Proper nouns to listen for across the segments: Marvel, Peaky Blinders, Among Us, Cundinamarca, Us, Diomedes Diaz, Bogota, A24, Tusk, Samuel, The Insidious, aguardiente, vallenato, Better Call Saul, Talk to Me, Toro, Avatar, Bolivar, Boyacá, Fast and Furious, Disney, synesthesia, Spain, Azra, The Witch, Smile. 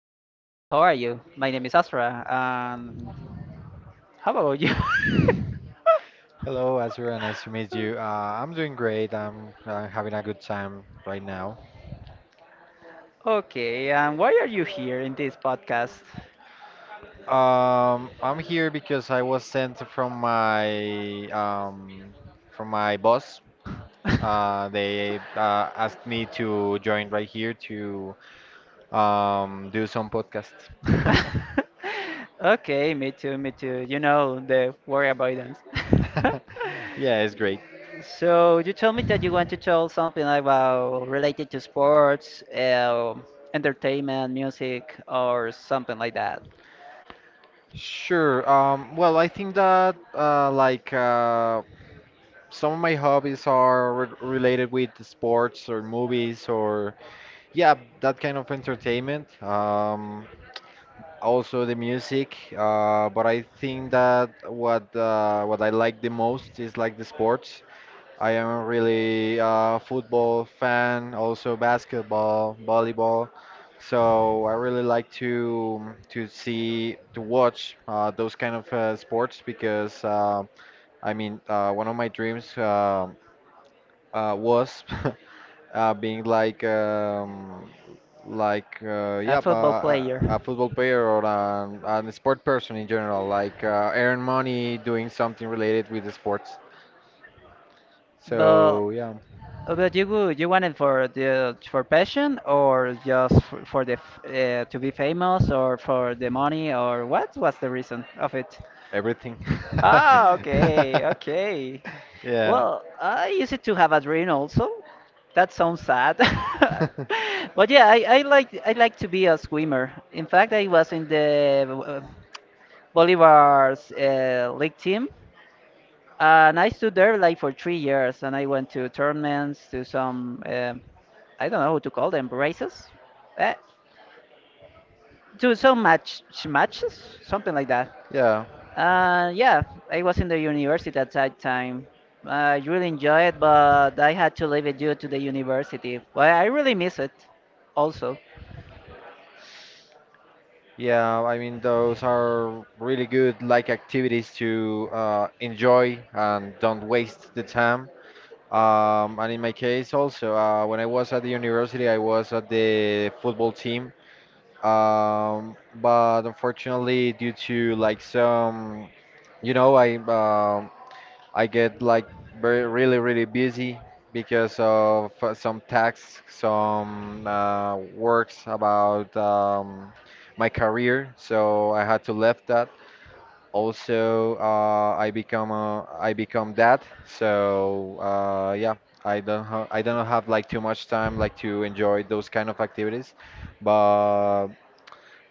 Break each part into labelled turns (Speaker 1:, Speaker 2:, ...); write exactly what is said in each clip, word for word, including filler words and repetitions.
Speaker 1: Hello, Samuel. How are you? My name is Asra. Um, how about you?
Speaker 2: Hello, Azra. Nice to meet you. Uh, I'm doing great. I'm uh, having a good time right now.
Speaker 1: Okay, and why are you here in this podcast?
Speaker 2: Um, I'm here because I was sent from my um, from my boss. Uh, they uh, asked me to join right here to um, do some podcast.
Speaker 1: Okay, me too, me too. You know, the worry avoidance.
Speaker 2: Yeah, it's great.
Speaker 1: So you told me that you want to tell something about related to sports, uh, entertainment, music, or something like that.
Speaker 2: Sure. Um, well, I think that uh, like uh, some of my hobbies are re related with the sports or movies or yeah, that kind of entertainment. Um, also the music. Uh, but I think that what uh, what I like the most is like the sports. I am a really uh, football fan, also basketball, volleyball. So I really like to to see to watch uh, those kind of uh, sports because uh, I mean uh, one of my dreams uh, uh, was uh, being like um, like uh, yeah
Speaker 1: A football
Speaker 2: uh, a a
Speaker 1: player.
Speaker 2: football player or an, an sport person in general like uh, earn money doing something related with the sports
Speaker 1: But
Speaker 2: so yeah
Speaker 1: but you would- you want it for the for passion or just for, for the f- uh, to be famous or for the money or what was the reason of it?
Speaker 2: everything
Speaker 1: Ah, okay, okay.
Speaker 2: yeah
Speaker 1: Well, I used to have a dream also. That sounds sad. But yeah, I, I like I like to be a swimmer. In fact, I was in the uh, Bolivar's uh, league team, and I stood there like for three years. And I went to tournaments, to some um I don't know how to call them races. Eh? Do some match matches, something like that.
Speaker 2: yeah.
Speaker 1: Uh, yeah, I was in the university at that time. I really enjoyed it, but I had to leave it due to the university. Well, I really miss it, also,
Speaker 2: Yeah, I mean, those are really good like activities to uh, enjoy and don't waste the time. Um, and in my case also, uh, when I was at the university, I was at the football team. Um, but unfortunately, due to like some, you know, I um I get like very, really, really busy because of uh, some tasks, some uh, works about um, my career. So I had to left that. Also, uh, I become a, I become dad. So uh, yeah, I don't ha I don't have like too much time like to enjoy those kind of activities. But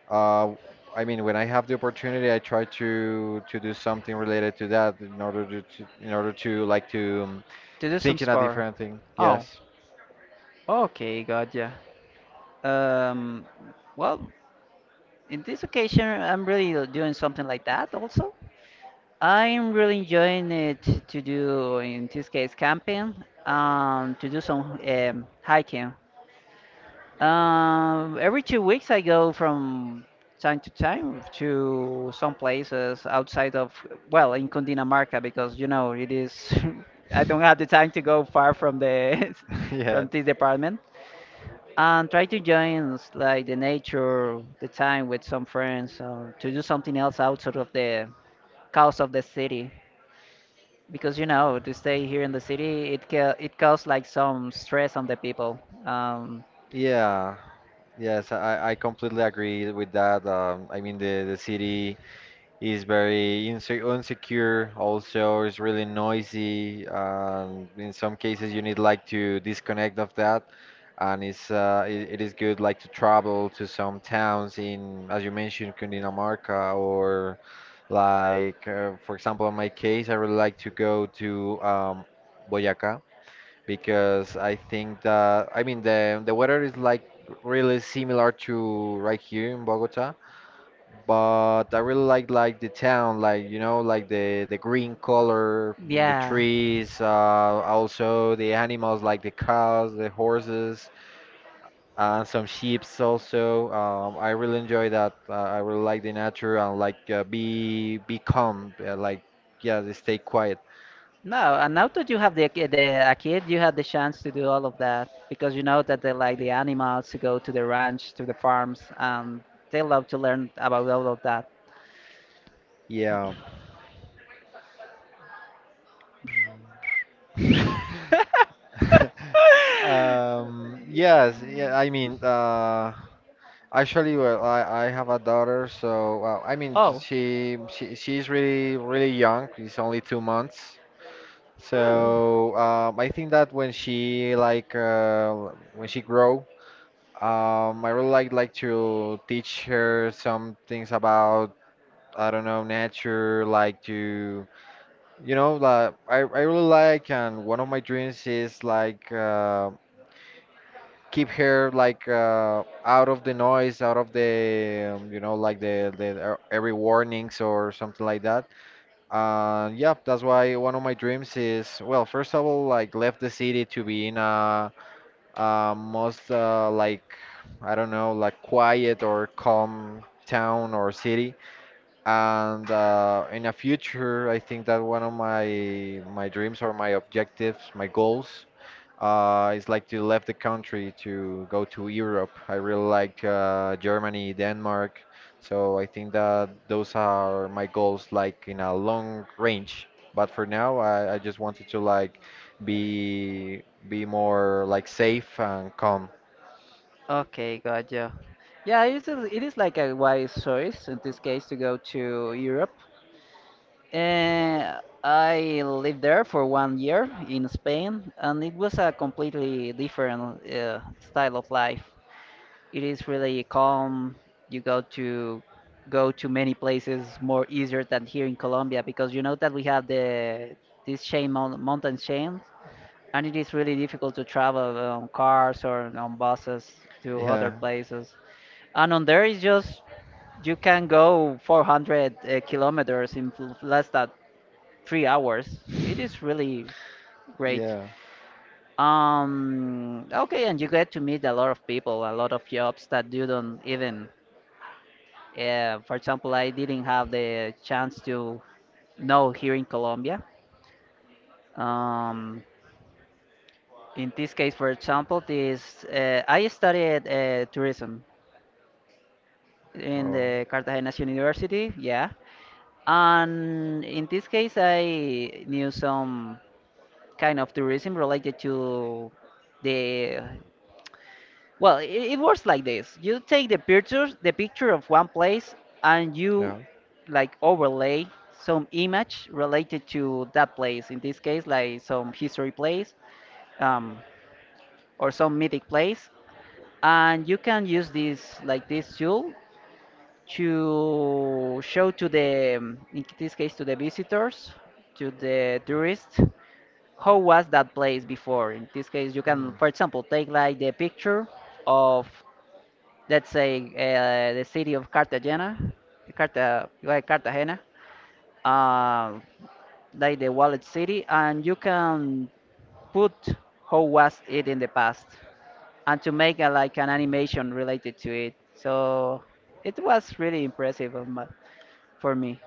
Speaker 2: uh, I mean, when I have the opportunity, I try to to do something related to that in order to, to in order to like to um,
Speaker 1: to do some
Speaker 2: think in a
Speaker 1: sport.
Speaker 2: different thing.
Speaker 1: Oh,
Speaker 2: Yes,
Speaker 1: okay, gotcha. Um, well, in this occasion, I'm really doing something like that also. I'm really enjoying it to do, in this case, camping, um, to do some um, hiking. Um, every two weeks I go from time to time to some places outside of, well, in Cundinamarca because you know it is. I don't have the time to go far from the
Speaker 2: yeah,
Speaker 1: from this department and try to join s- like the nature, the time with some friends, or to do something else outside of the cost of the city because you know to stay here in the city it ca- it causes like some stress on the people. Um,
Speaker 2: yeah, yes. I I completely agree with that. Um, I mean, the the city. He's very inse- insecure, also, it's really noisy. And in some cases, you need like to disconnect of that. And it's uh, it, it is good like to travel to some towns in, as you mentioned, Cundinamarca, or like, uh, for example, in my case, I would like to go to um, Boyacá because I think that, I mean, the, the weather is like really similar to right here in Bogota but I really like like the town, like you know, like the the green color, the
Speaker 1: yeah.
Speaker 2: trees, uh, also the animals like the cows, the horses, and some sheeps also. Um, I really enjoy that. Uh, I really like the nature and like uh, be be calm, uh, like yeah, they stay quiet.
Speaker 1: No, and now that you have the ki- the a kid, you had the chance to do all of that because you know that they like the animals to go to the ranch, to the farms, and they love to learn about all of that.
Speaker 2: Yeah. Um, yes, yeah, I mean, uh, actually, well, I, I have a daughter, so well, I mean, j-
Speaker 1: Oh.
Speaker 2: she, she she's really really young. She's only two months.
Speaker 1: Oh.
Speaker 2: So um, I think that when she like uh, when she grow, um, I really like like to teach her some things about I don't know nature, like to you know like I I really like and one of my dreams is like uh, keep her like uh, out of the noise, out of the um, you know like the the e- every warnings or something like that. Uh, yeah, that's why one of my dreams is well, first of all, like left the city to be in a, a most uh, like I don't know like quiet or calm town or city and uh, in the future I think that one of my my dreams or my objectives my goals uh, it's like to left the country to go to Europe. I really like uh, Germany, Denmark. So I think that those are my goals, like in a long range. But for now, I, I just wanted to like be be more like safe and calm.
Speaker 1: Okay, gotcha. Yeah, it is, it is like a wise choice in this case to go to Europe. Uh, I lived there for one year in Spain, and it was a completely different uh, style of life. It is really calm. You go to go to many places more easier than here in Colombia because you know that we have the this chain moun- mountain chain, and it is really difficult to travel on cars or on buses to other
Speaker 2: Yeah,
Speaker 1: places. And on there is just you can go four hundred uh, kilometers in f- less than three hours. It is really great.
Speaker 2: yeah.
Speaker 1: Um, okay, and you get to meet a lot of people, a lot of jobs that you don't even. Uh, for example, I didn't have the chance to know here in Colombia. Um, in this case, for example, this uh, I studied uh, tourism in
Speaker 2: Oh,
Speaker 1: the Cartagena's University, yeah. And in this case, I knew some kind of tourism related to the. Well, it, it works like this. You take the pictures, the picture of one place, and
Speaker 2: yeah.
Speaker 1: you like overlay some image related to that place. In this case, like some history place, um, or some mythic place, and you can use this like this tool to show to the, um, in this case, to the visitors, to the tourists, how was that place before. In this case, you can,
Speaker 2: Mm.
Speaker 1: for example, take like the picture of let's say uh, the city of Cartagena, Carta, like Cartagena, uh, like the wallet city, and you can put how was it in the past, and to make a, like an animation related to it. So it was really impressive of my, for me.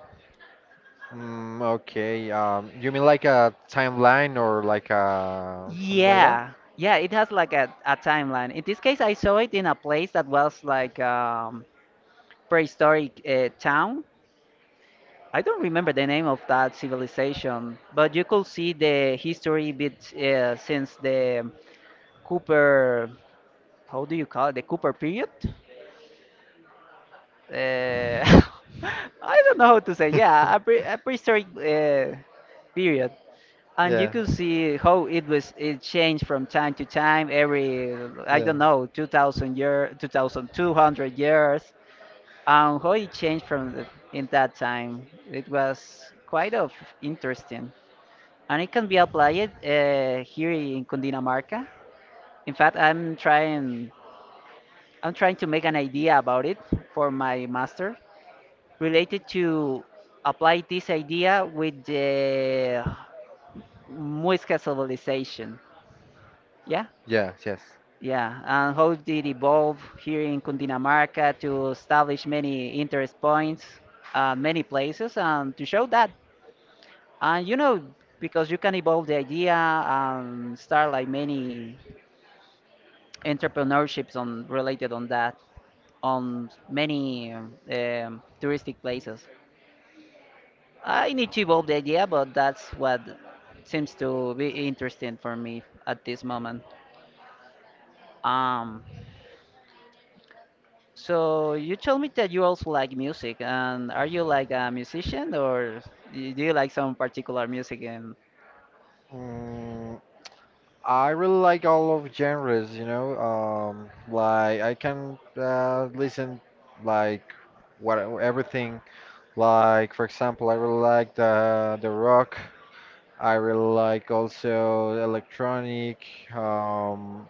Speaker 2: Mm, okay. Um, you mean like a timeline or like a something like that?
Speaker 1: Yeah, yeah, it has like a, a timeline. In this case, I saw it in a place that was like um, prehistoric uh, town. I don't remember the name of that civilization, but you could see the history bit uh, since the Cooper, how do you call it, the Cooper period? Uh, I don't know how to say.
Speaker 2: Yeah.
Speaker 1: Yeah, a, pre a prehistoric uh, period, and you
Speaker 2: Yeah.
Speaker 1: could see how it was it changed from time to time. Every I don't know, two thousand year, two thousand two hundred years, and how it changed from the, in that time. It was quite of interesting. And it can be applied uh, here in Cundinamarca. In fact, I'm trying I'm trying to make an idea about it for my master related to apply this idea with the Muisca civilization. Yeah,
Speaker 2: Yes, yes.
Speaker 1: yeah, and how did it evolve here in Cundinamarca to establish many interest points, uh, many places, and to show that. And you know, because you can evolve the idea and start like many entrepreneurships on related on that on many um, um, touristic places. I need to evolve the idea, but that's what seems to be interesting for me at this moment. Um, so you told me that you also like music, and are you like a musician, or y- do you like some particular music? And
Speaker 2: Mm, I really like all of genres, you know. Um, like I can uh, listen like what everything. Like for example, I really like the the rock. I really like also electronic, um,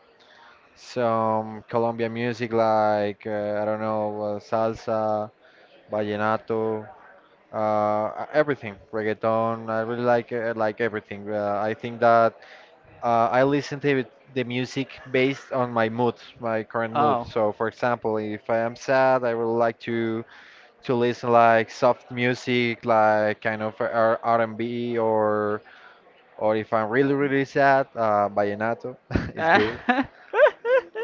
Speaker 2: some Colombian music like uh, I don't know uh, salsa, vallenato, uh, everything, reggaeton. I really like uh, like everything. Uh, I think that uh, I listen to it- the music based on my mood, my current mood.
Speaker 1: oh,
Speaker 2: So for example, if I am sad, I really like to to listen like soft music, like kind of R- R&B or or if I'm really really sad, uh, vallenato is
Speaker 1: ah.
Speaker 2: good.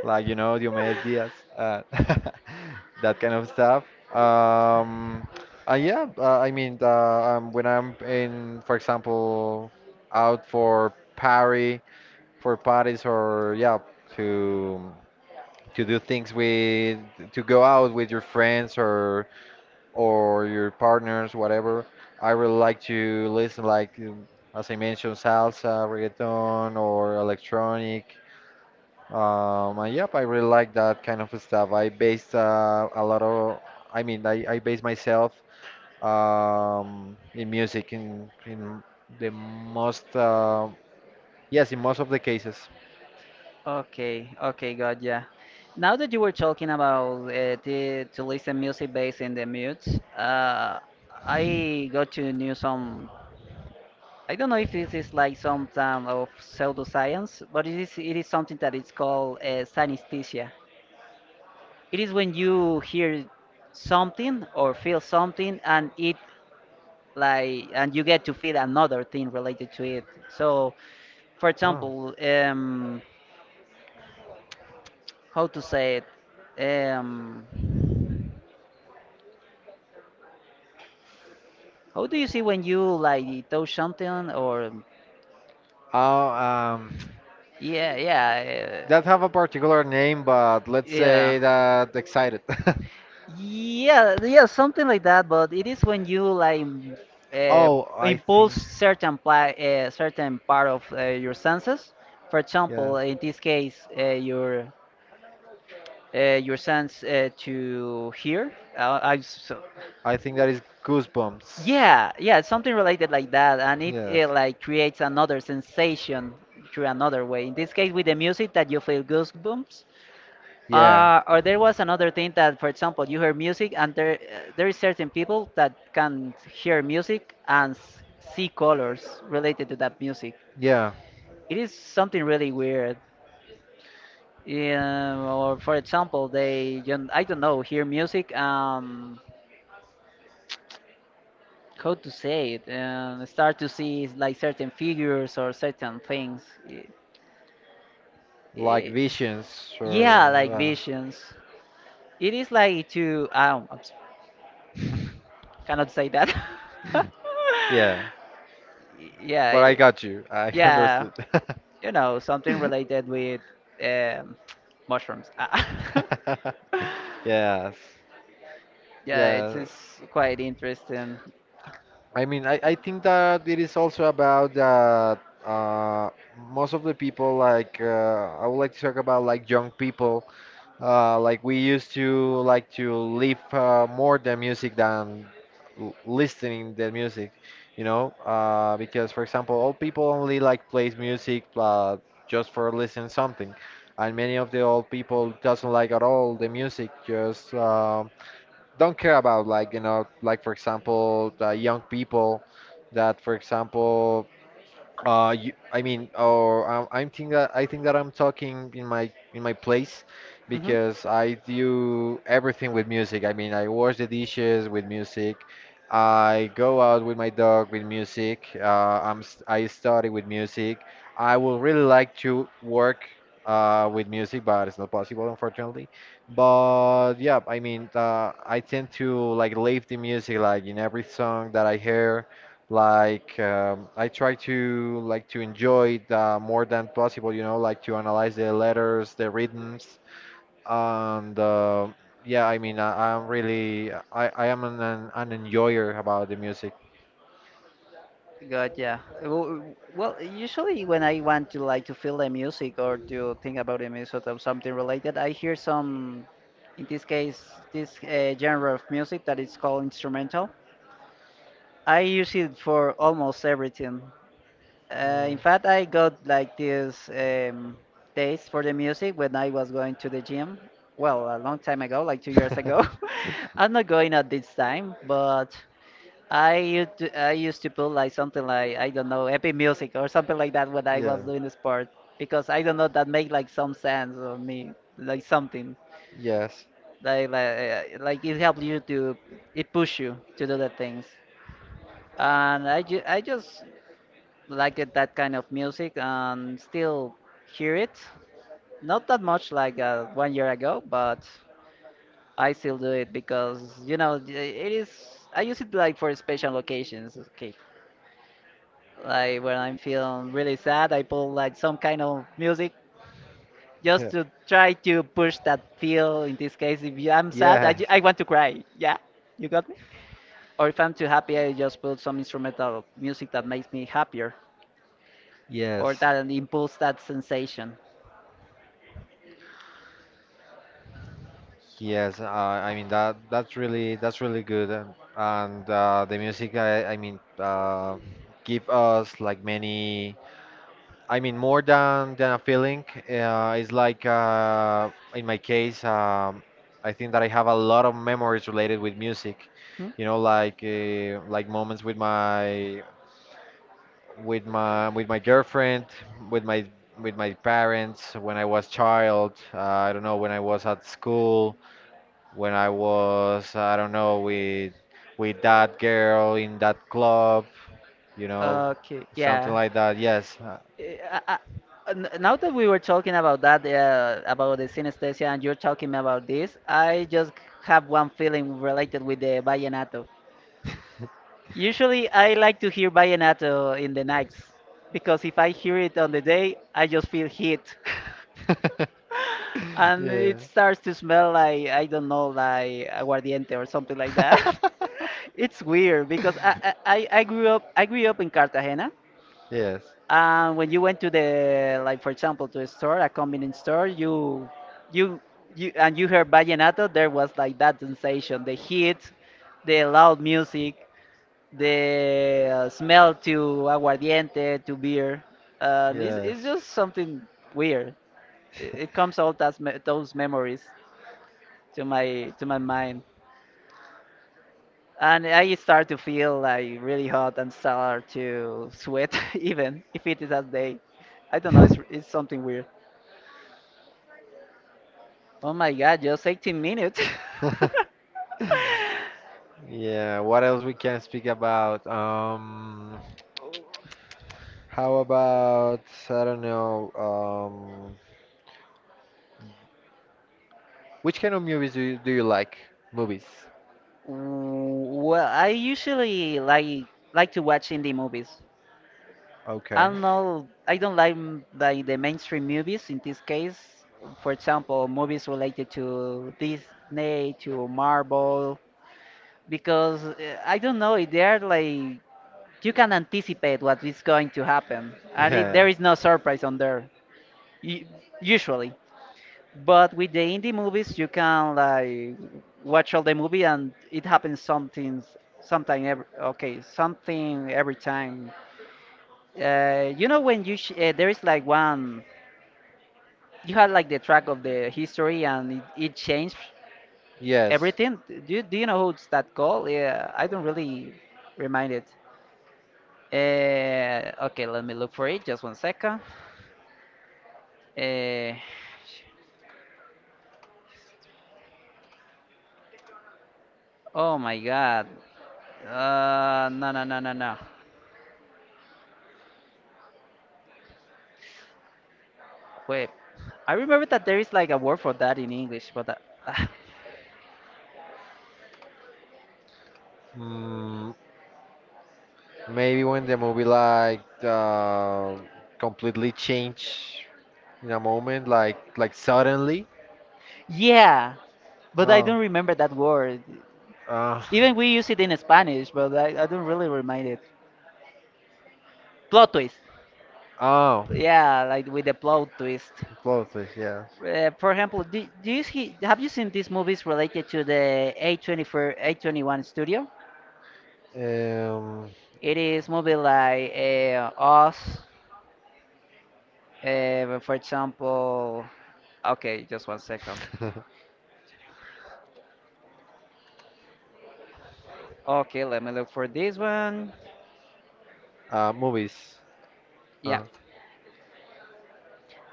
Speaker 2: Like you know Diomedes Diaz, uh, that kind of stuff. Um, and yeah, uh, I mean uh, um, when I'm in, for example, out for party, for parties or yeah to to do things with to go out with your friends or or your partners, whatever. I really like to listen, like um, as I mentioned, salsa, reggaeton, or electronic. Um, and yep, I really like that kind of stuff. I base uh, a lot of, I mean, I, I base myself um, in music in in the most, uh, yes, in most of the cases.
Speaker 1: Okay, okay, got ya. Now that you were talking about uh, the, to listen music based in the mute, uh, I got to know some. I don't know if this is like some kind of pseudoscience, but it is it is something that is called uh, synesthesia. It is when you hear something or feel something and it like and you get to feed another thing related to it. So for
Speaker 2: Oh.
Speaker 1: example, um how to say it, um how do you see when you like touch something or
Speaker 2: Oh, um,
Speaker 1: yeah, yeah,
Speaker 2: that
Speaker 1: uh,
Speaker 2: have a particular name, but let's
Speaker 1: yeah,
Speaker 2: say that excited.
Speaker 1: yeah, yeah, something like that, but it is when you like m- uh,
Speaker 2: Oh, I
Speaker 1: impulse
Speaker 2: think,
Speaker 1: certain pla- uh, certain part of uh, your senses, for
Speaker 2: yeah,
Speaker 1: example in this case uh, your uh, your sense uh, to hear. Uh, I so
Speaker 2: I think that is goosebumps.
Speaker 1: Yeah, yeah, it's something related like that, and it,
Speaker 2: Yes.
Speaker 1: it like
Speaker 2: Yeah.
Speaker 1: creates another sensation through another way. In this case, with the music, that you feel goosebumps.
Speaker 2: Yeah,
Speaker 1: Uh, or there was another thing that, for example, you hear music, and there uh, there is certain people that can hear music and s- see colors related to that music. It is something really weird. Yeah, or for example, they, you kn- I don't know, hear music. Um, how to say it, and start to see like certain figures or certain things. I-
Speaker 2: like
Speaker 1: I-
Speaker 2: visions or
Speaker 1: yeah, like
Speaker 2: yeah.
Speaker 1: visions, it is like to I don't, I cannot say that.
Speaker 2: Yeah,
Speaker 1: yeah
Speaker 2: but I
Speaker 1: i-
Speaker 2: got you. I
Speaker 1: yeah,
Speaker 2: understood.
Speaker 1: you know something related with um, mushrooms. Ah.
Speaker 2: Yes,
Speaker 1: Yeah, it
Speaker 2: yeah.
Speaker 1: is quite interesting.
Speaker 2: I mean, I, I think that it is also about that uh, most of the people, like, uh, I would like to talk about like young people, uh, like we used to like to live uh, more the music than l- listening the music, you know, uh, because for example, old people only like plays music uh, just for listen something, and many of the old people doesn't like at all the music, just. um don't care about like you know like for example uh, young people that for example uh, you, I mean, or um, I'm think that I think that I'm talking in my in my place
Speaker 1: Mhm.
Speaker 2: because I do everything with music. I mean, I wash the dishes with music. I go out with my dog with music. Uh, I'm s- I study with music. I would really like to work uh, with music, but it's not possible, unfortunately. But yeah, I mean, uh, I tend to like leave the music like in every song that I hear like um, I try to like to enjoy it uh, more than possible, you know, like to analyze the letters, the rhythms, and uh, yeah, I mean, I, I'm really I, I am an, an an enjoyer about the music.
Speaker 1: Gotcha. W- Well, usually when I want to like to feel the music or to think about the music or something related, I hear some, in this case, this uh, genre of music that is called instrumental. I use it for almost everything. Uh, in fact, I got like this um, taste for the music when I was going to the gym. Well, a long time ago, like two years ago.
Speaker 2: Mm.
Speaker 1: I'm not going at this time, but. I used to, I used to put like something like I don't know epic music or something like that when I was doing the sport, because I don't know that make like some sense on me, like something
Speaker 2: Yes.
Speaker 1: like like, uh, like it helps you to, it push you to do the things, and I ju I just like it, that kind of music, and still hear it not that much like uh, one year ago, but I still do it because you know th- it is I use it like for special occasions. Okay. Like when I'm feeling really sad, I pull like some kind of music just to try to push that feel. In this case, if you, I'm sad, I, ju- I want to cry.
Speaker 2: or
Speaker 1: Yeah, you got me? Or if I'm too happy, I just put some instrumental music that makes me happier or
Speaker 2: Yes.
Speaker 1: that impulse that sensation.
Speaker 2: Yes, uh, I mean that that's really that's really good, um, and uh, the music I, I mean uh, give us like many I mean, more than than a feeling, uh, it's like uh, in my case, um, I think that I have a lot of memories related with music.
Speaker 1: Hmm?
Speaker 2: You know, like uh, like moments with my with my with my girlfriend, with my with my parents when I was child. Uh, I don't know when I was at school, when I was I don't know with with that girl in that club. You know,
Speaker 1: Okay,
Speaker 2: something
Speaker 1: yeah.
Speaker 2: like that. Yes.
Speaker 1: Eh, I- I- n- Now that we were talking about that, uh, about the synesthesia, and you're talking about this, I just have one feeling related with the vallenato. Usually, I like to hear vallenato in the nights because if I hear it on the day, I just feel heat. And
Speaker 2: yeah.
Speaker 1: it starts to smell like, I don't know, like aguardiente or something like that. It's weird because I, I, I I grew up I grew up in Cartagena.
Speaker 2: yes.
Speaker 1: And when you went to the like for example to a store, a convenience store, you you you and you heard vallenato, there was like that sensation, the heat, the loud music, the uh, smell to aguardiente, to beer. Uh,
Speaker 2: Um,
Speaker 1: it's, it's
Speaker 2: yes.
Speaker 1: just something weird. It, it comes all those, me- those memories to my to my mind, and I start to feel like really hot and start to sweat even if it is a day. I don't know. It's it's something weird. Oh my God! Just eighteen minutes.
Speaker 2: Yeah, what else we can speak about? Um, how about I don't know. Um, which kind of movies do you, do you like? Movies.
Speaker 1: W- Well, I usually like like to watch indie movies. I
Speaker 2: Okay.
Speaker 1: don't know. I don't like m- like the mainstream movies in this case. For example, movies related to Disney, to Marvel, because uh, I don't know. They are like you can anticipate what is going to happen, and it, there
Speaker 2: Yeah.
Speaker 1: is no surprise on there u- usually. But with the indie movies, you can like watch all the movie and it happens something, sometime every okay, something every time. Uh, you know when you sh uh, there is like one. You had like the track of the history and it, it changed
Speaker 2: Yes.
Speaker 1: everything. Do you, do you know who's that called? Yeah, I don't really remind it. Uh, okay, let me look for it. Just one second. Uh, oh my god. Uh, no, no, no, no, no. Wait. I remember that there is like a word for that in English, but uh,
Speaker 2: Mm, maybe when the movie like uh, completely change in a moment, like like suddenly.
Speaker 1: yeah, but I
Speaker 2: Oh.
Speaker 1: don't remember that word.
Speaker 2: Uh,
Speaker 1: Even we use it in Spanish, but I, I don't really remind it. Plot twist.
Speaker 2: oh.
Speaker 1: Yeah, like with the plot twist.
Speaker 2: Clothes. Yeah.
Speaker 1: Uh, for example, do, do you see, have you seen these movies related to the A two four, A two one studio?
Speaker 2: Um.
Speaker 1: It is movie like uh, Us, uh, for example. Okay, just one second. Okay, let me look for this one.
Speaker 2: uh, movies.
Speaker 1: Yeah,
Speaker 2: Uh,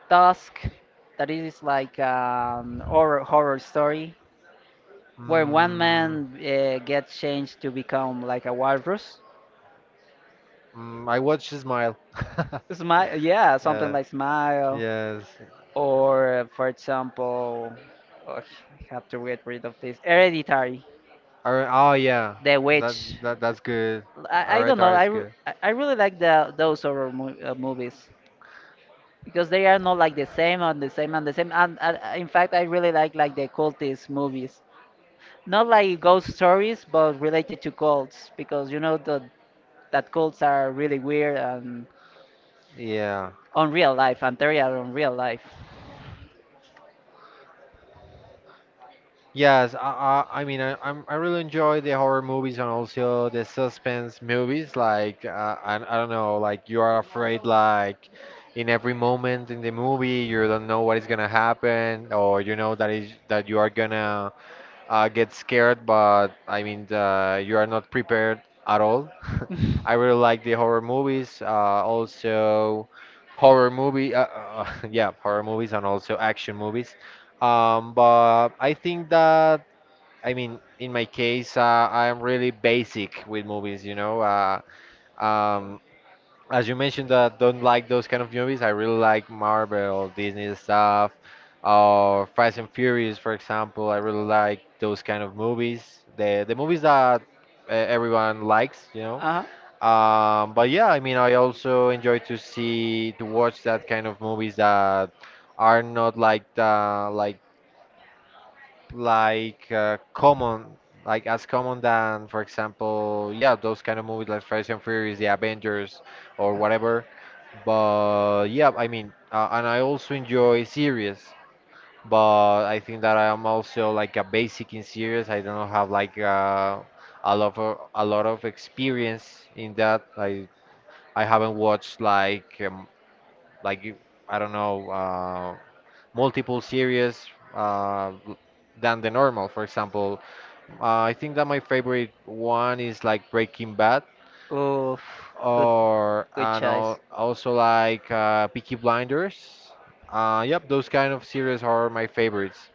Speaker 1: Tusk. That is like an horror horror story where one man uh, gets
Speaker 2: mm.
Speaker 1: changed to become like a walrus.
Speaker 2: Mm, I watched Smile.
Speaker 1: Smile, yeah, something
Speaker 2: Yeah.
Speaker 1: like Smile.
Speaker 2: Yes.
Speaker 1: Or, uh, for example, oh, I have to get rid of this Hereditary,
Speaker 2: Alright. Oh yeah.
Speaker 1: The
Speaker 2: That
Speaker 1: Witch.
Speaker 2: that that's good.
Speaker 1: I, I
Speaker 2: Alright,
Speaker 1: don't know.
Speaker 2: that
Speaker 1: I,
Speaker 2: is
Speaker 1: re-
Speaker 2: good.
Speaker 1: I I really like the those horror mo- uh, movies because they are not like the same and the same and the same. And uh, in fact, I really like like the cultist movies, not like ghost stories, but related to cults because you know the, that cults are really weird and
Speaker 2: Yeah.
Speaker 1: unreal life, and they are unreal life.
Speaker 2: Yes. I I, I mean I I'm, I really enjoy the horror movies and also the suspense movies. Like uh, I I don't know. Like you are afraid. Like in every moment in the movie you don't know what is gonna happen or you know that is that you are gonna uh, get scared, but I mean, uh, you are not prepared at all.
Speaker 1: uh
Speaker 2: I really like the horror movies, uh, also horror movie, uh, uh, yeah, horror movies and also action movies. Um, but I think that, I mean, in my case, uh, I'm really basic with movies, you know. Uh, um, as you mentioned that don't like those kind of movies, I really like Marvel, Disney stuff, or Fast and Furious, for example. I really like those kind of movies. The the movies that uh, everyone likes, you know.
Speaker 1: huh.
Speaker 2: Um, but yeah, I mean, I also enjoy to see to watch that kind of movies that are not like the like like uh, common, like as common than, for example, yeah, those kind of movies like Fast and Furious, The Avengers, or whatever. But yeah, I mean, uh, and I also enjoy series, but I think that I am also like a basic in series. I don't have like uh, a lot of a lot of experience in that. I I haven't watched like um, like you- I don't know uh, multiple series uh, l- than the normal. For example, uh, I think that my favorite one is like Breaking Bad,
Speaker 1: Oof, good,
Speaker 2: or
Speaker 1: good
Speaker 2: and al-
Speaker 1: choice.
Speaker 2: also like uh, Peaky Blinders. Uh, yep, those kind of series are my favorites.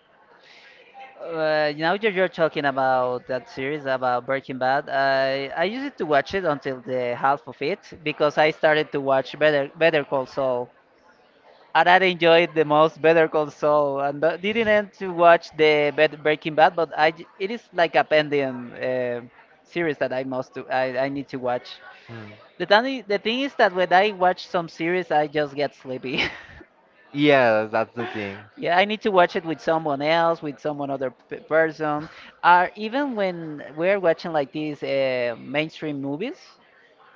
Speaker 1: Uh, now that you're talking about that series about Breaking Bad, I I used to watch it until the half of it because I started to watch Better Better Call Saul, and I enjoyed the most Better Call Saul, and uh, didn't end to watch the Bet- Breaking Bad, but I j- it is like a pending uh, series that I must to, I I need to watch.
Speaker 2: Hmm.
Speaker 1: The thing the thing is that when I watch some series, I just get sleepy.
Speaker 2: Yeah, that's the thing.
Speaker 1: Yeah, I need to watch it with someone else, with someone other p- person. Or even when we're watching like these uh, mainstream movies,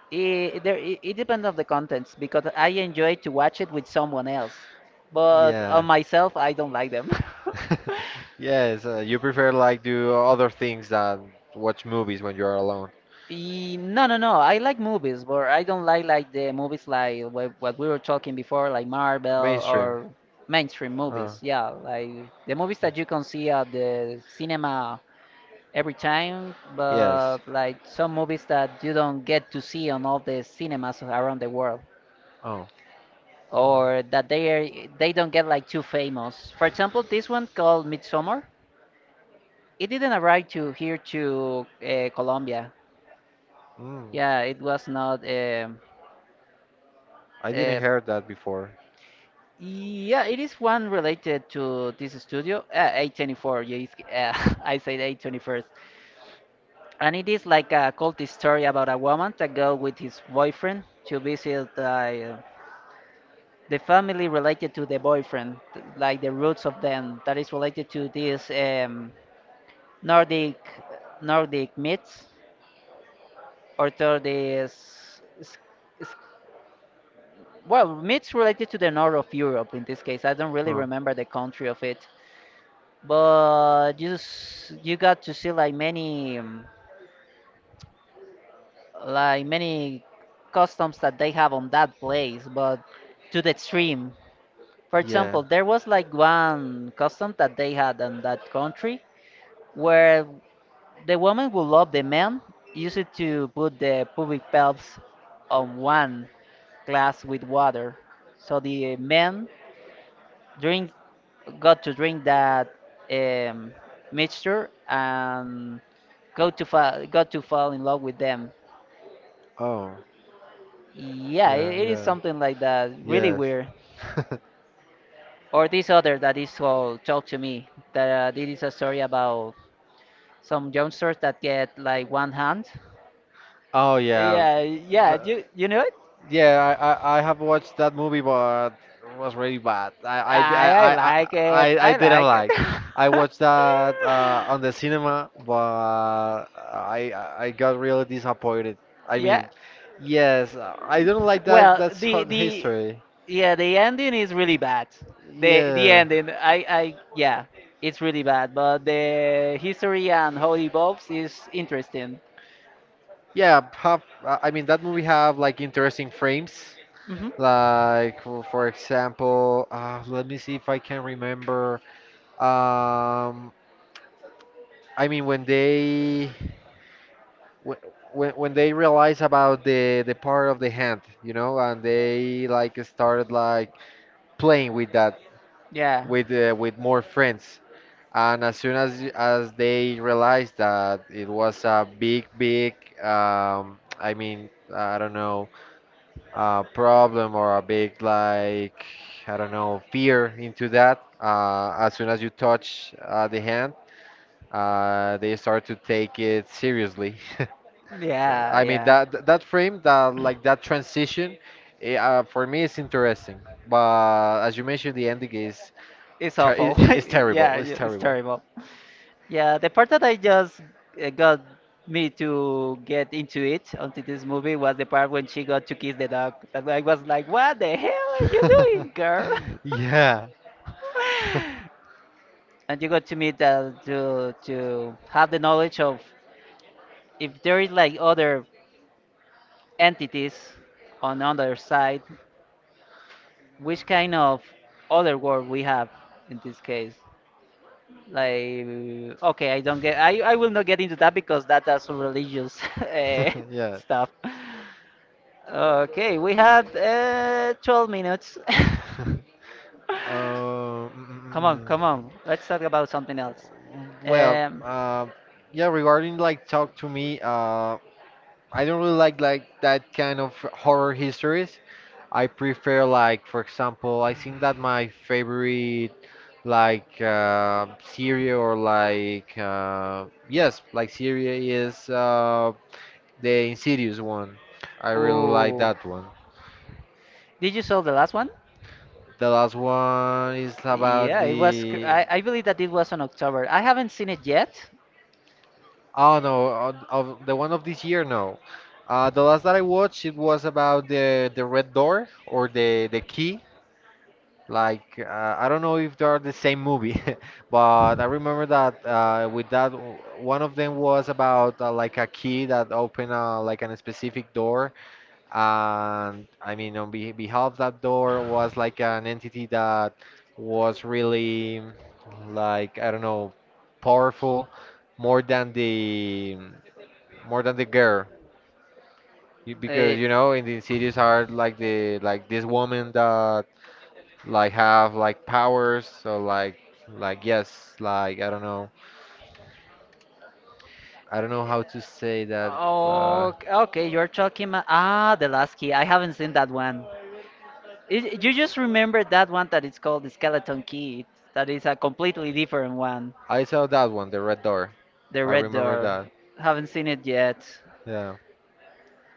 Speaker 1: it, there, it, it depends on the contents because I enjoy to watch it with someone else. But
Speaker 2: Yeah.
Speaker 1: on myself, I don't like them.
Speaker 2: Yes, uh, you prefer like do other things than watch movies when you're alone.
Speaker 1: E- No, no, no. I like movies, but I don't like like the movies like what, what we were talking before, like Marvel
Speaker 2: Mainstream.
Speaker 1: or mainstream
Speaker 2: Uh,
Speaker 1: movies. Yeah, like the movies that you can see at the cinema every time,
Speaker 2: yes.
Speaker 1: but like some movies that you don't get to see on all the cinemas around the world,
Speaker 2: Oh.
Speaker 1: or that they are, they don't get like too famous. For example, this one called Midsummer, it didn't arrive to here to uh, Colombia.
Speaker 2: Mm.
Speaker 1: Yeah, it was not. Um,
Speaker 2: I didn't
Speaker 1: uh,
Speaker 2: hear that before.
Speaker 1: yeah, it is one related to this studio, uh, A twenty-four. Yeah, it's, uh, I said A twenty-first, and it is like a cult story about a woman that go with his boyfriend to visit uh, the family related to the boyfriend, th- like the roots of them, that is related to these um, Nordic Nordic myths, or to this s- s- well myths related to the north of Europe. In this case, I don't really
Speaker 2: Huh.
Speaker 1: remember the country of it, but you s- you got to see like many um, like many customs that they have on that place, but to the extreme. For
Speaker 2: Yeah.
Speaker 1: example, there was like one custom that they had in that country where the woman will love the man use it to put the public pelts on one glass with water so the man drink got to drink that um, mixture and go to fall got to fall in love with them.
Speaker 2: Oh.
Speaker 1: Yeah,
Speaker 2: Yeah.
Speaker 1: it, it is
Speaker 2: Yeah.
Speaker 1: something like that really
Speaker 2: Yes.
Speaker 1: weird, or this other that is called talk to me that uh, this is a story about some youngsters that get like one hand.
Speaker 2: Oh yeah.
Speaker 1: Yeah, yeah,
Speaker 2: The-
Speaker 1: you you know it.
Speaker 2: Yeah, I, I, I have watched that movie, but it was really bad. I I di- I
Speaker 1: I, I
Speaker 2: I, I,
Speaker 1: like
Speaker 2: I
Speaker 1: it.
Speaker 2: I
Speaker 1: I
Speaker 2: didn't
Speaker 1: like it.
Speaker 2: like. I watched that uh, on the cinema, but I I got really disappointed. I
Speaker 1: yeah.
Speaker 2: mean, yes, I don't like that.
Speaker 1: Well,
Speaker 2: That's
Speaker 1: the
Speaker 2: hot
Speaker 1: the
Speaker 2: history.
Speaker 1: yeah, the ending is really bad. The the
Speaker 2: Yeah.
Speaker 1: ending, I I yeah, it's really bad. But the history and how it evolves is interesting.
Speaker 2: Yeah, have uh, I mean that movie have like interesting frames.
Speaker 1: Hmm.
Speaker 2: Like for, for example, uh, let me see if I can remember. Um, I mean when they wh- when when they realize about the the part of the hand, you know, and they like started like playing with that
Speaker 1: Yeah.
Speaker 2: with uh, with more friends. And as soon as as they realized that it was a big, big, um, I mean, I don't know, uh, problem or a big like, I don't know, fear into that. Uh, as soon as you touch uh, the hand, uh, they start to take it seriously. So, I mean
Speaker 1: Yeah.
Speaker 2: that that frame, that like that
Speaker 1: Yeah.
Speaker 2: transition, eh, uh, for me it's interesting. But as you mentioned, the ending is
Speaker 1: It's
Speaker 2: ter- i-
Speaker 1: awful.
Speaker 2: i- it's
Speaker 1: yeah,
Speaker 2: terrible. It's
Speaker 1: yeah, it's
Speaker 2: terrible.
Speaker 1: terrible. Yeah, the part that I just uh, got me to get into it onto this movie was the part when she got to kiss the dog. That I was like, what the hell are you doing, girl?
Speaker 2: Yeah.
Speaker 1: And you got to meet uh, to to have the knowledge of if there is like other entities on the other side, which kind of other world we have in this case like okay I don't get i, I will not get into that because that is religious eh,
Speaker 2: Yeah.
Speaker 1: stuff. Okay, we have uh, twelve minutes.
Speaker 2: Uh, mm, mm,
Speaker 1: Come on
Speaker 2: mm,
Speaker 1: come on, let's talk about something else.
Speaker 2: mm. Well,
Speaker 1: Um,
Speaker 2: uh, yeah, regarding like Talk to Me, uh, I don't really like like that kind of horror histories. I prefer like, for example, I think that my favorite like uh, series or like uh, yes, like series is uh, The Insidious one. I really like
Speaker 1: ooh.
Speaker 2: that one.
Speaker 1: Did you saw the last one?
Speaker 2: The last one is about
Speaker 1: Yeah, it was cr-
Speaker 2: the.
Speaker 1: I, I believe that it was on october. I haven't seen it yet.
Speaker 2: Oh no, of, of the one of this year, no. Uh, the last that I watched, it was about the the red door or the the key. Like uh, I don't know if they are the same movie, but I remember that uh, with that w- one of them was about uh, like a key that opened uh, like a specific door, and I mean, on beh behalf that door was like an entity that was really like I don't know, powerful more than the more than the girl. You-
Speaker 1: uh,
Speaker 2: because you know in the Insidious are like the like this woman that like have like powers so like like yes like I don't know I don't know how to say that. uh,
Speaker 1: Oh, okay. You're talking about ah, the last key. I haven't seen that one. It, you just remember that one that is called the skeleton key. That is a completely different one.
Speaker 2: I saw that one, the red door.
Speaker 1: The
Speaker 2: I
Speaker 1: red
Speaker 2: remember
Speaker 1: door.
Speaker 2: that.
Speaker 1: Haven't seen it yet.
Speaker 2: Yeah.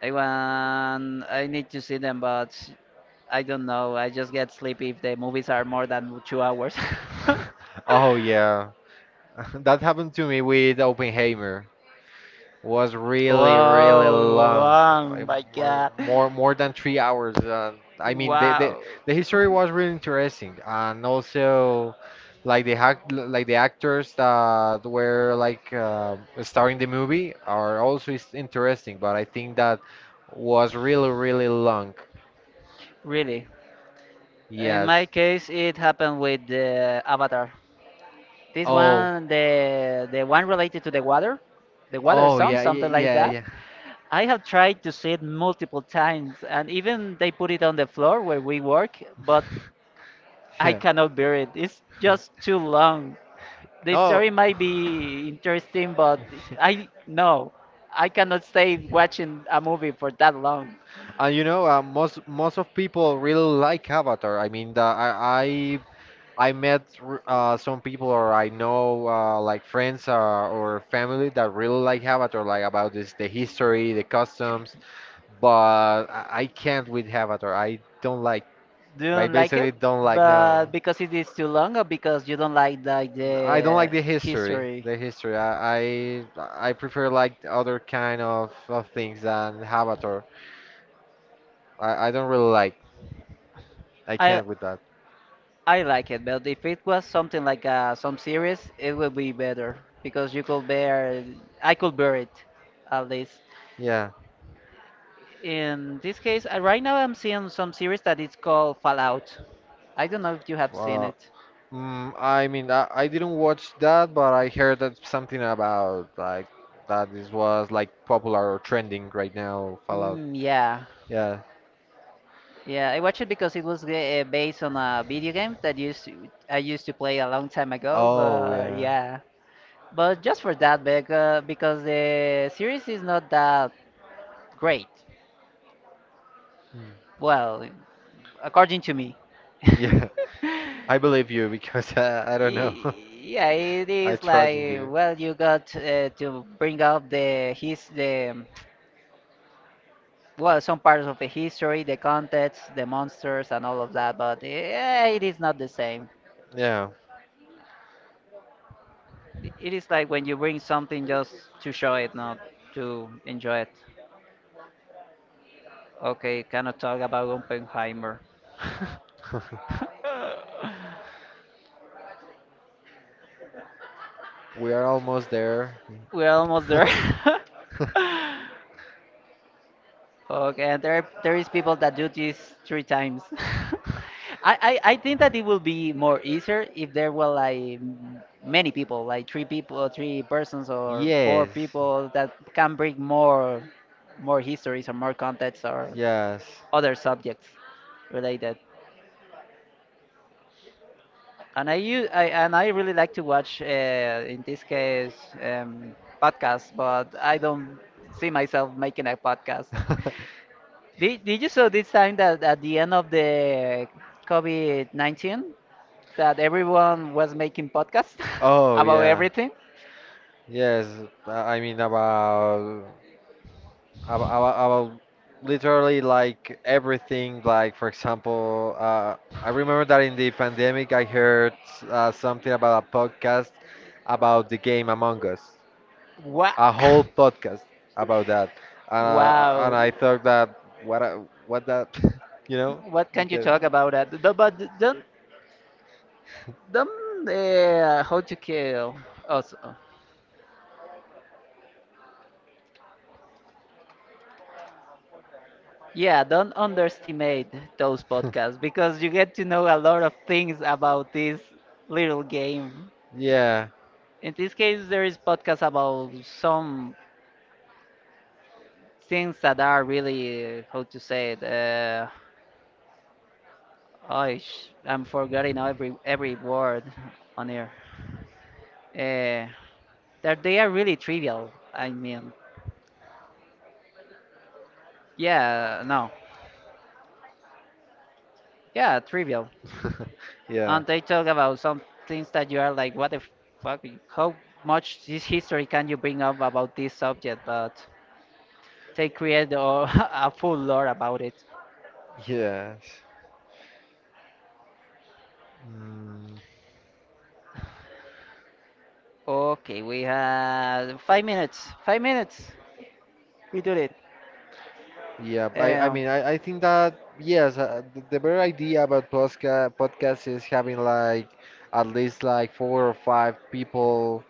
Speaker 1: I want. I need to see them, but I don't know. I just get sleepy if the movies are more than two hours.
Speaker 2: Oh yeah. That happened to me with Oppenheimer. Was really, really
Speaker 1: Wow,
Speaker 2: long.
Speaker 1: wow,
Speaker 2: I-
Speaker 1: my
Speaker 2: mo-
Speaker 1: God.
Speaker 2: More, more than three hours. Uh, I mean, the, the
Speaker 1: Wow.
Speaker 2: the history was really interesting, and also, like the hac- like the actors that were like uh, starring the movie are also is interesting. But I think that was really, really long.
Speaker 1: Really. In
Speaker 2: Yes.
Speaker 1: my case, it happened with the Avatar. This
Speaker 2: Oh.
Speaker 1: one, the the one related to the water, the water
Speaker 2: Oh
Speaker 1: sound,
Speaker 2: yeah,
Speaker 1: something
Speaker 2: yeah,
Speaker 1: like
Speaker 2: yeah,
Speaker 1: that.
Speaker 2: yeah.
Speaker 1: I have tried to see it multiple times, and even they put it on the floor where we work, but I
Speaker 2: Yeah.
Speaker 1: cannot bear it. It's just too long. The
Speaker 2: No.
Speaker 1: story might be interesting, but I no, I cannot stay watching a movie for that long.
Speaker 2: And you know, uh, most most of people really like Avatar. I mean, the, I I I met r- uh, some people or I know uh, like friends uh, or family that really like Avatar, like about this the history, the customs. But I, I can't with Avatar. I don't like.
Speaker 1: Do you
Speaker 2: I
Speaker 1: don't like
Speaker 2: basically
Speaker 1: it?
Speaker 2: don't like.
Speaker 1: But
Speaker 2: No.
Speaker 1: because it is too long, or because you don't like like
Speaker 2: I don't like
Speaker 1: the
Speaker 2: the history.
Speaker 1: history?
Speaker 2: The history. I I, I prefer like other kind of, of things than Avatar. I, I don't really like. I I
Speaker 1: I
Speaker 2: can't with that.
Speaker 1: I like it, but if it was something like uh, some series, it would be better because you could bear I could bear it at least.
Speaker 2: Yeah.
Speaker 1: In this case, uh, right now I'm seeing some series that is called Fallout.
Speaker 2: I
Speaker 1: I don't know if you have seen
Speaker 2: Well,
Speaker 1: it.
Speaker 2: mm, I mean, I, I didn't watch that, but I heard that something about like that this was like popular or trending right now. Fallout.
Speaker 1: Mm, yeah,
Speaker 2: Yeah.
Speaker 1: yeah. I watched it because it was uh, based on a video game that used to, I used to play a long time ago.
Speaker 2: Oh
Speaker 1: But
Speaker 2: yeah.
Speaker 1: yeah, but just for that, bec- uh, because the series is not that great.
Speaker 2: Mm.
Speaker 1: Well, according to me.
Speaker 2: Yeah. I believe you because uh, I don't know.
Speaker 1: Y- Yeah, it
Speaker 2: I
Speaker 1: is
Speaker 2: trust
Speaker 1: like
Speaker 2: in you.
Speaker 1: well, you got uh, to bring up the his the well some parts of the history, the context, the monsters, and all of that. But yeah, it is not the same.
Speaker 2: Yeah.
Speaker 1: It is like when you bring something just to show it, not to enjoy it. Okay, cannot talk about Oppenheimer.
Speaker 2: We are almost there.
Speaker 1: We're almost there. Okay, and there there is people that do this three times. I, I I think that it will be more easier if there were like m- many people, like three people, or three persons, or four
Speaker 2: Yes.
Speaker 1: people that can bring more more histories or more context or
Speaker 2: Yes.
Speaker 1: other subjects related. And I, u- I and I really like to watch, uh, in this case, um, podcasts, but I don't see myself making a podcast. Did, did you saw this time that at the end of the COVID nineteen that everyone was making podcasts
Speaker 2: Oh
Speaker 1: about
Speaker 2: yeah.
Speaker 1: everything?
Speaker 2: Yes, I I mean about about, about, about literally like everything like for example uh, I remember that in the pandemic I heard uh, something about a podcast about the game Among Us.
Speaker 1: Wow!
Speaker 2: A whole podcast about that. Uh, and
Speaker 1: Wow.
Speaker 2: I thought that, what I- what that. You know,
Speaker 1: What can you
Speaker 2: because
Speaker 1: talk about that? Th- But don't don't uh, how to kill us. uh, Yeah, don't underestimate those podcasts because you get to know a lot of things about this little game.
Speaker 2: yeah.
Speaker 1: In this case, there is podcasts about some things that are really, uh, how to say it, uh, oh, sh- I'm forgetting every every word on here. Uh, that they are really trivial. I mean, yeah, no, yeah, trivial.
Speaker 2: Yeah.
Speaker 1: And they talk about some things that you are like, what the fuck? How much this history can you bring up about this subject? But they create a, a full lore about it.
Speaker 2: Yes. Mm,
Speaker 1: Okay, we have five minutes. Five minutes. We did it.
Speaker 2: yeah, I, I
Speaker 1: Um,
Speaker 2: mean, I, I think that, yes, uh, the, the better idea about posca podcast is having like at least like four or five people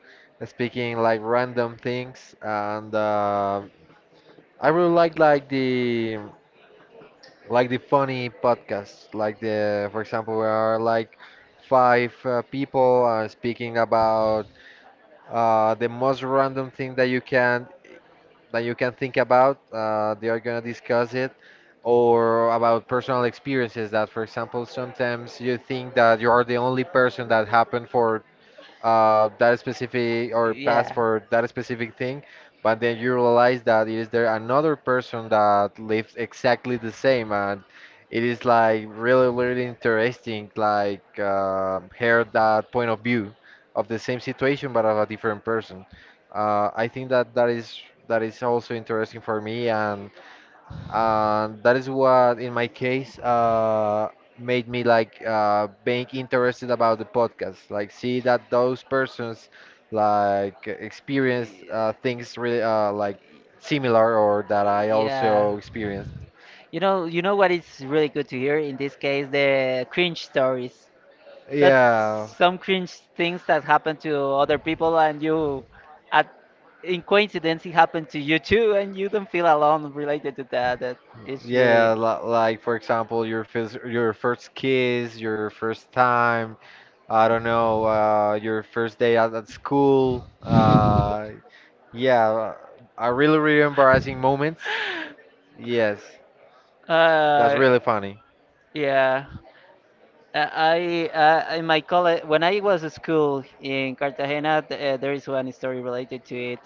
Speaker 2: speaking like random things. And uh, I really like like the like the funny podcasts, like the, for example, where are like five uh, people are speaking about uh, the most random thing that you can that you can think about. Uh, they are going to discuss it, or about personal experiences that, for example, sometimes you think that you are the only person that happened for uh, that specific, or pass
Speaker 1: yeah.
Speaker 2: for that specific thing, but then you realize that it is there another person that lives exactly the same, and it is like really, really interesting, like uh, hear that point of view of the same situation but of a different person. Uh, I think that that is that is also interesting for me, and and that is what in my case uh, made me like uh, being interested about the podcast, like see that those persons like experienced uh, things really uh, like similar, or that I
Speaker 1: Yeah.
Speaker 2: also experienced.
Speaker 1: You know, you know what is really good to hear in this case, the cringe stories. That's
Speaker 2: Yeah.
Speaker 1: some cringe things that happen to other people and you at in coincidence it happened to you too and you don't feel alone related to that. That is really
Speaker 2: Yeah, li- like for example, your first your first kiss, your first time, I don't know, uh, your first day at, at school. Uh, yeah, uh, a really really embarrassing moments. Yes, that's
Speaker 1: uh
Speaker 2: really funny.
Speaker 1: yeah. Uh, I uh, in my college when I was at school in cartagena th- uh, there is one story related to it.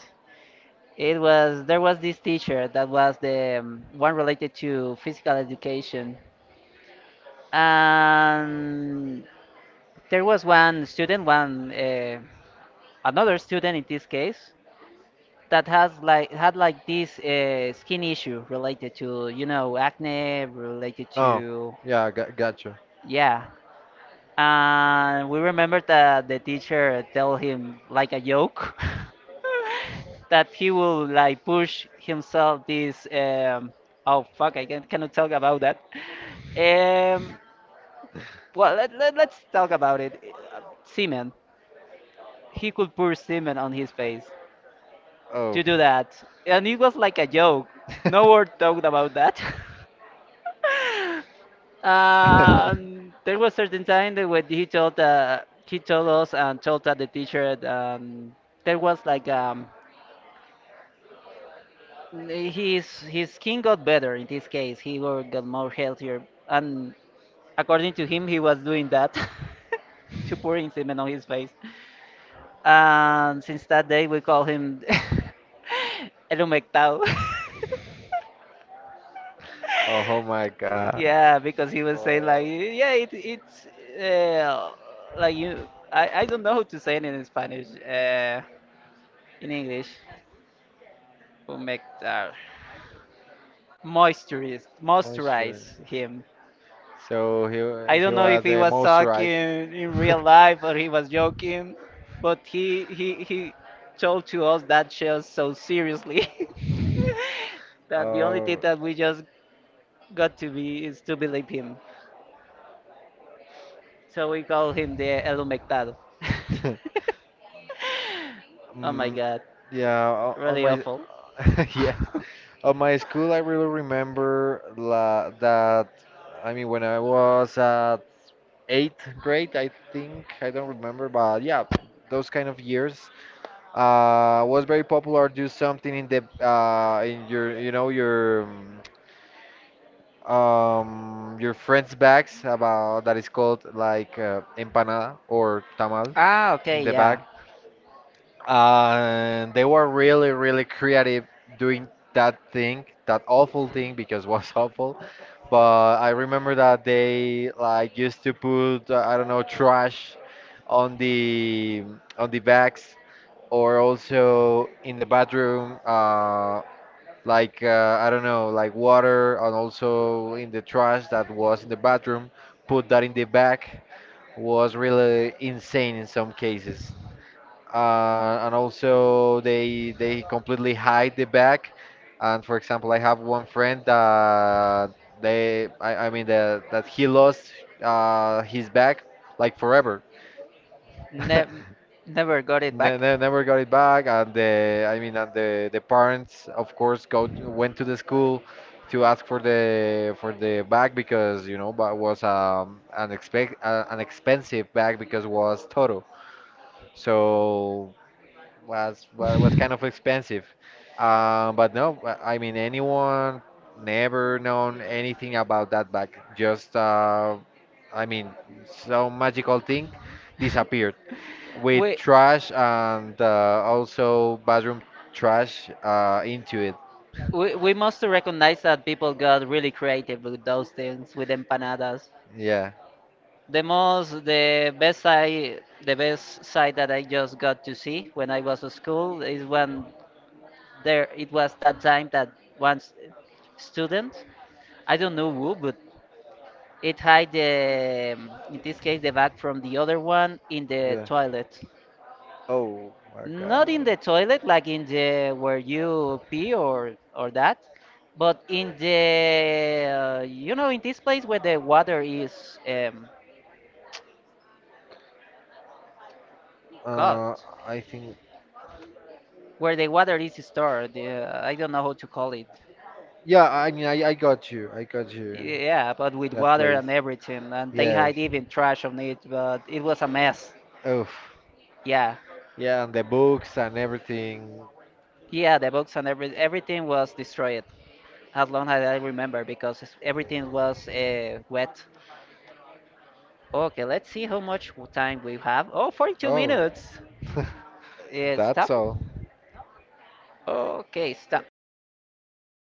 Speaker 1: It was there was this teacher that was the um, one related to physical education, and there was one student, one uh, another student in this case that has like had like this uh, skin issue related to you know acne related
Speaker 2: Oh,
Speaker 1: to
Speaker 2: yeah, I got gotcha.
Speaker 1: yeah. And we remember that the teacher tell him like a joke that he will like push himself this um oh fuck I can, cannot talk about that. Um, well let, let, let's talk about it. Uh, Semen. He could pour semen on his face
Speaker 2: Oh.
Speaker 1: to do that. And it was like a joke. No word talked about that. Um, there was certain time that when he told uh, he told us and told that the teacher um, there was like um, his his skin got better in this case. He were- got more healthier, and according to him, he was doing that to pouring semen on his face. And since that day, we call him El Humectado.
Speaker 2: Oh oh my god.
Speaker 1: Yeah, because he was saying like, yeah, it, it's uh, like you. I, I don't know how to say it in Spanish. Uh, in English, who make uh, moisturize moisturize him.
Speaker 2: So he wa-
Speaker 1: I
Speaker 2: he
Speaker 1: don't know if
Speaker 2: was
Speaker 1: he
Speaker 2: the
Speaker 1: was talking
Speaker 2: moisturized.
Speaker 1: in real life or he was joking, but he he he told to us that show so seriously that the only thing that we just got to be is to believe him. So we call him the El Humectado. Oh my
Speaker 2: Mm,
Speaker 1: god,
Speaker 2: yeah, o- on
Speaker 1: really
Speaker 2: my
Speaker 1: awful.
Speaker 2: yes, on my school I really remember la, that. I mean, when I was at eighth grade, I think I don't remember, but yeah, those kind of years uh was very popular do something in the uh in your you know your um um, your friends bags about that is called like uh, empanada or tamal
Speaker 1: Ah,
Speaker 2: in
Speaker 1: okay,
Speaker 2: the bag.
Speaker 1: yeah.
Speaker 2: And they were really really creative doing that thing that awful thing because it was awful. But I remember that they like used to put uh, I don't know, trash on the on the bags, or also in the bathroom, uh, like uh, I don't know, like water, and also in the trash that was in the bathroom, put that in the bag. Was really insane in some cases. Uh, and also they they completely hide the bag. And for example, I have one friend that they I, I mean that that he lost uh, his bag like forever.
Speaker 1: Ne- Never got it
Speaker 2: Ne-
Speaker 1: back.
Speaker 2: ne- never got it back. And the I mean, and the the parents of course go to, went to the school to ask for the for the bag, because you know, but was um an expect uh, an expensive bag because was Toro, so was wa- was kind of expensive. Um but no, i I mean, anyone never known anything about that bag. Just uh I mean, some magical thing disappeared with
Speaker 1: Wait.
Speaker 2: trash and uh, also bathroom trash uh, into it.
Speaker 1: We, we must recognize that people got really creative with those things, with empanadas.
Speaker 2: Yeah.
Speaker 1: The most, the best side, the best side that I just got to see when I was at school is when there it was that time that one s- student, I don't know who, but it hide the, um, in this case, the bag from the other one in the
Speaker 2: Yeah.
Speaker 1: toilet.
Speaker 2: Oh my
Speaker 1: Not
Speaker 2: god.
Speaker 1: in the toilet, like in the where you pee or or that, but in the uh, you know in this place where the water is um,
Speaker 2: Uh,
Speaker 1: cut,
Speaker 2: I think.
Speaker 1: where the water is stored. Uh, I don't know how to call it.
Speaker 2: Yeah, I mean, I, I got you. I got you.
Speaker 1: Yeah, but with
Speaker 2: That
Speaker 1: water
Speaker 2: place.
Speaker 1: and everything, and they
Speaker 2: Yes.
Speaker 1: hide even trash on it. But it was a mess.
Speaker 2: Oof.
Speaker 1: Yeah,
Speaker 2: Yeah, and the books and everything.
Speaker 1: yeah, the books and every everything was destroyed. As long as I remember because it's- everything was uh, wet. Okay, let's see how much w- time we have. Oh, forty-two
Speaker 2: Oh,
Speaker 1: minutes. Uh,
Speaker 2: that's
Speaker 1: stop.
Speaker 2: all.
Speaker 1: Okay, stop.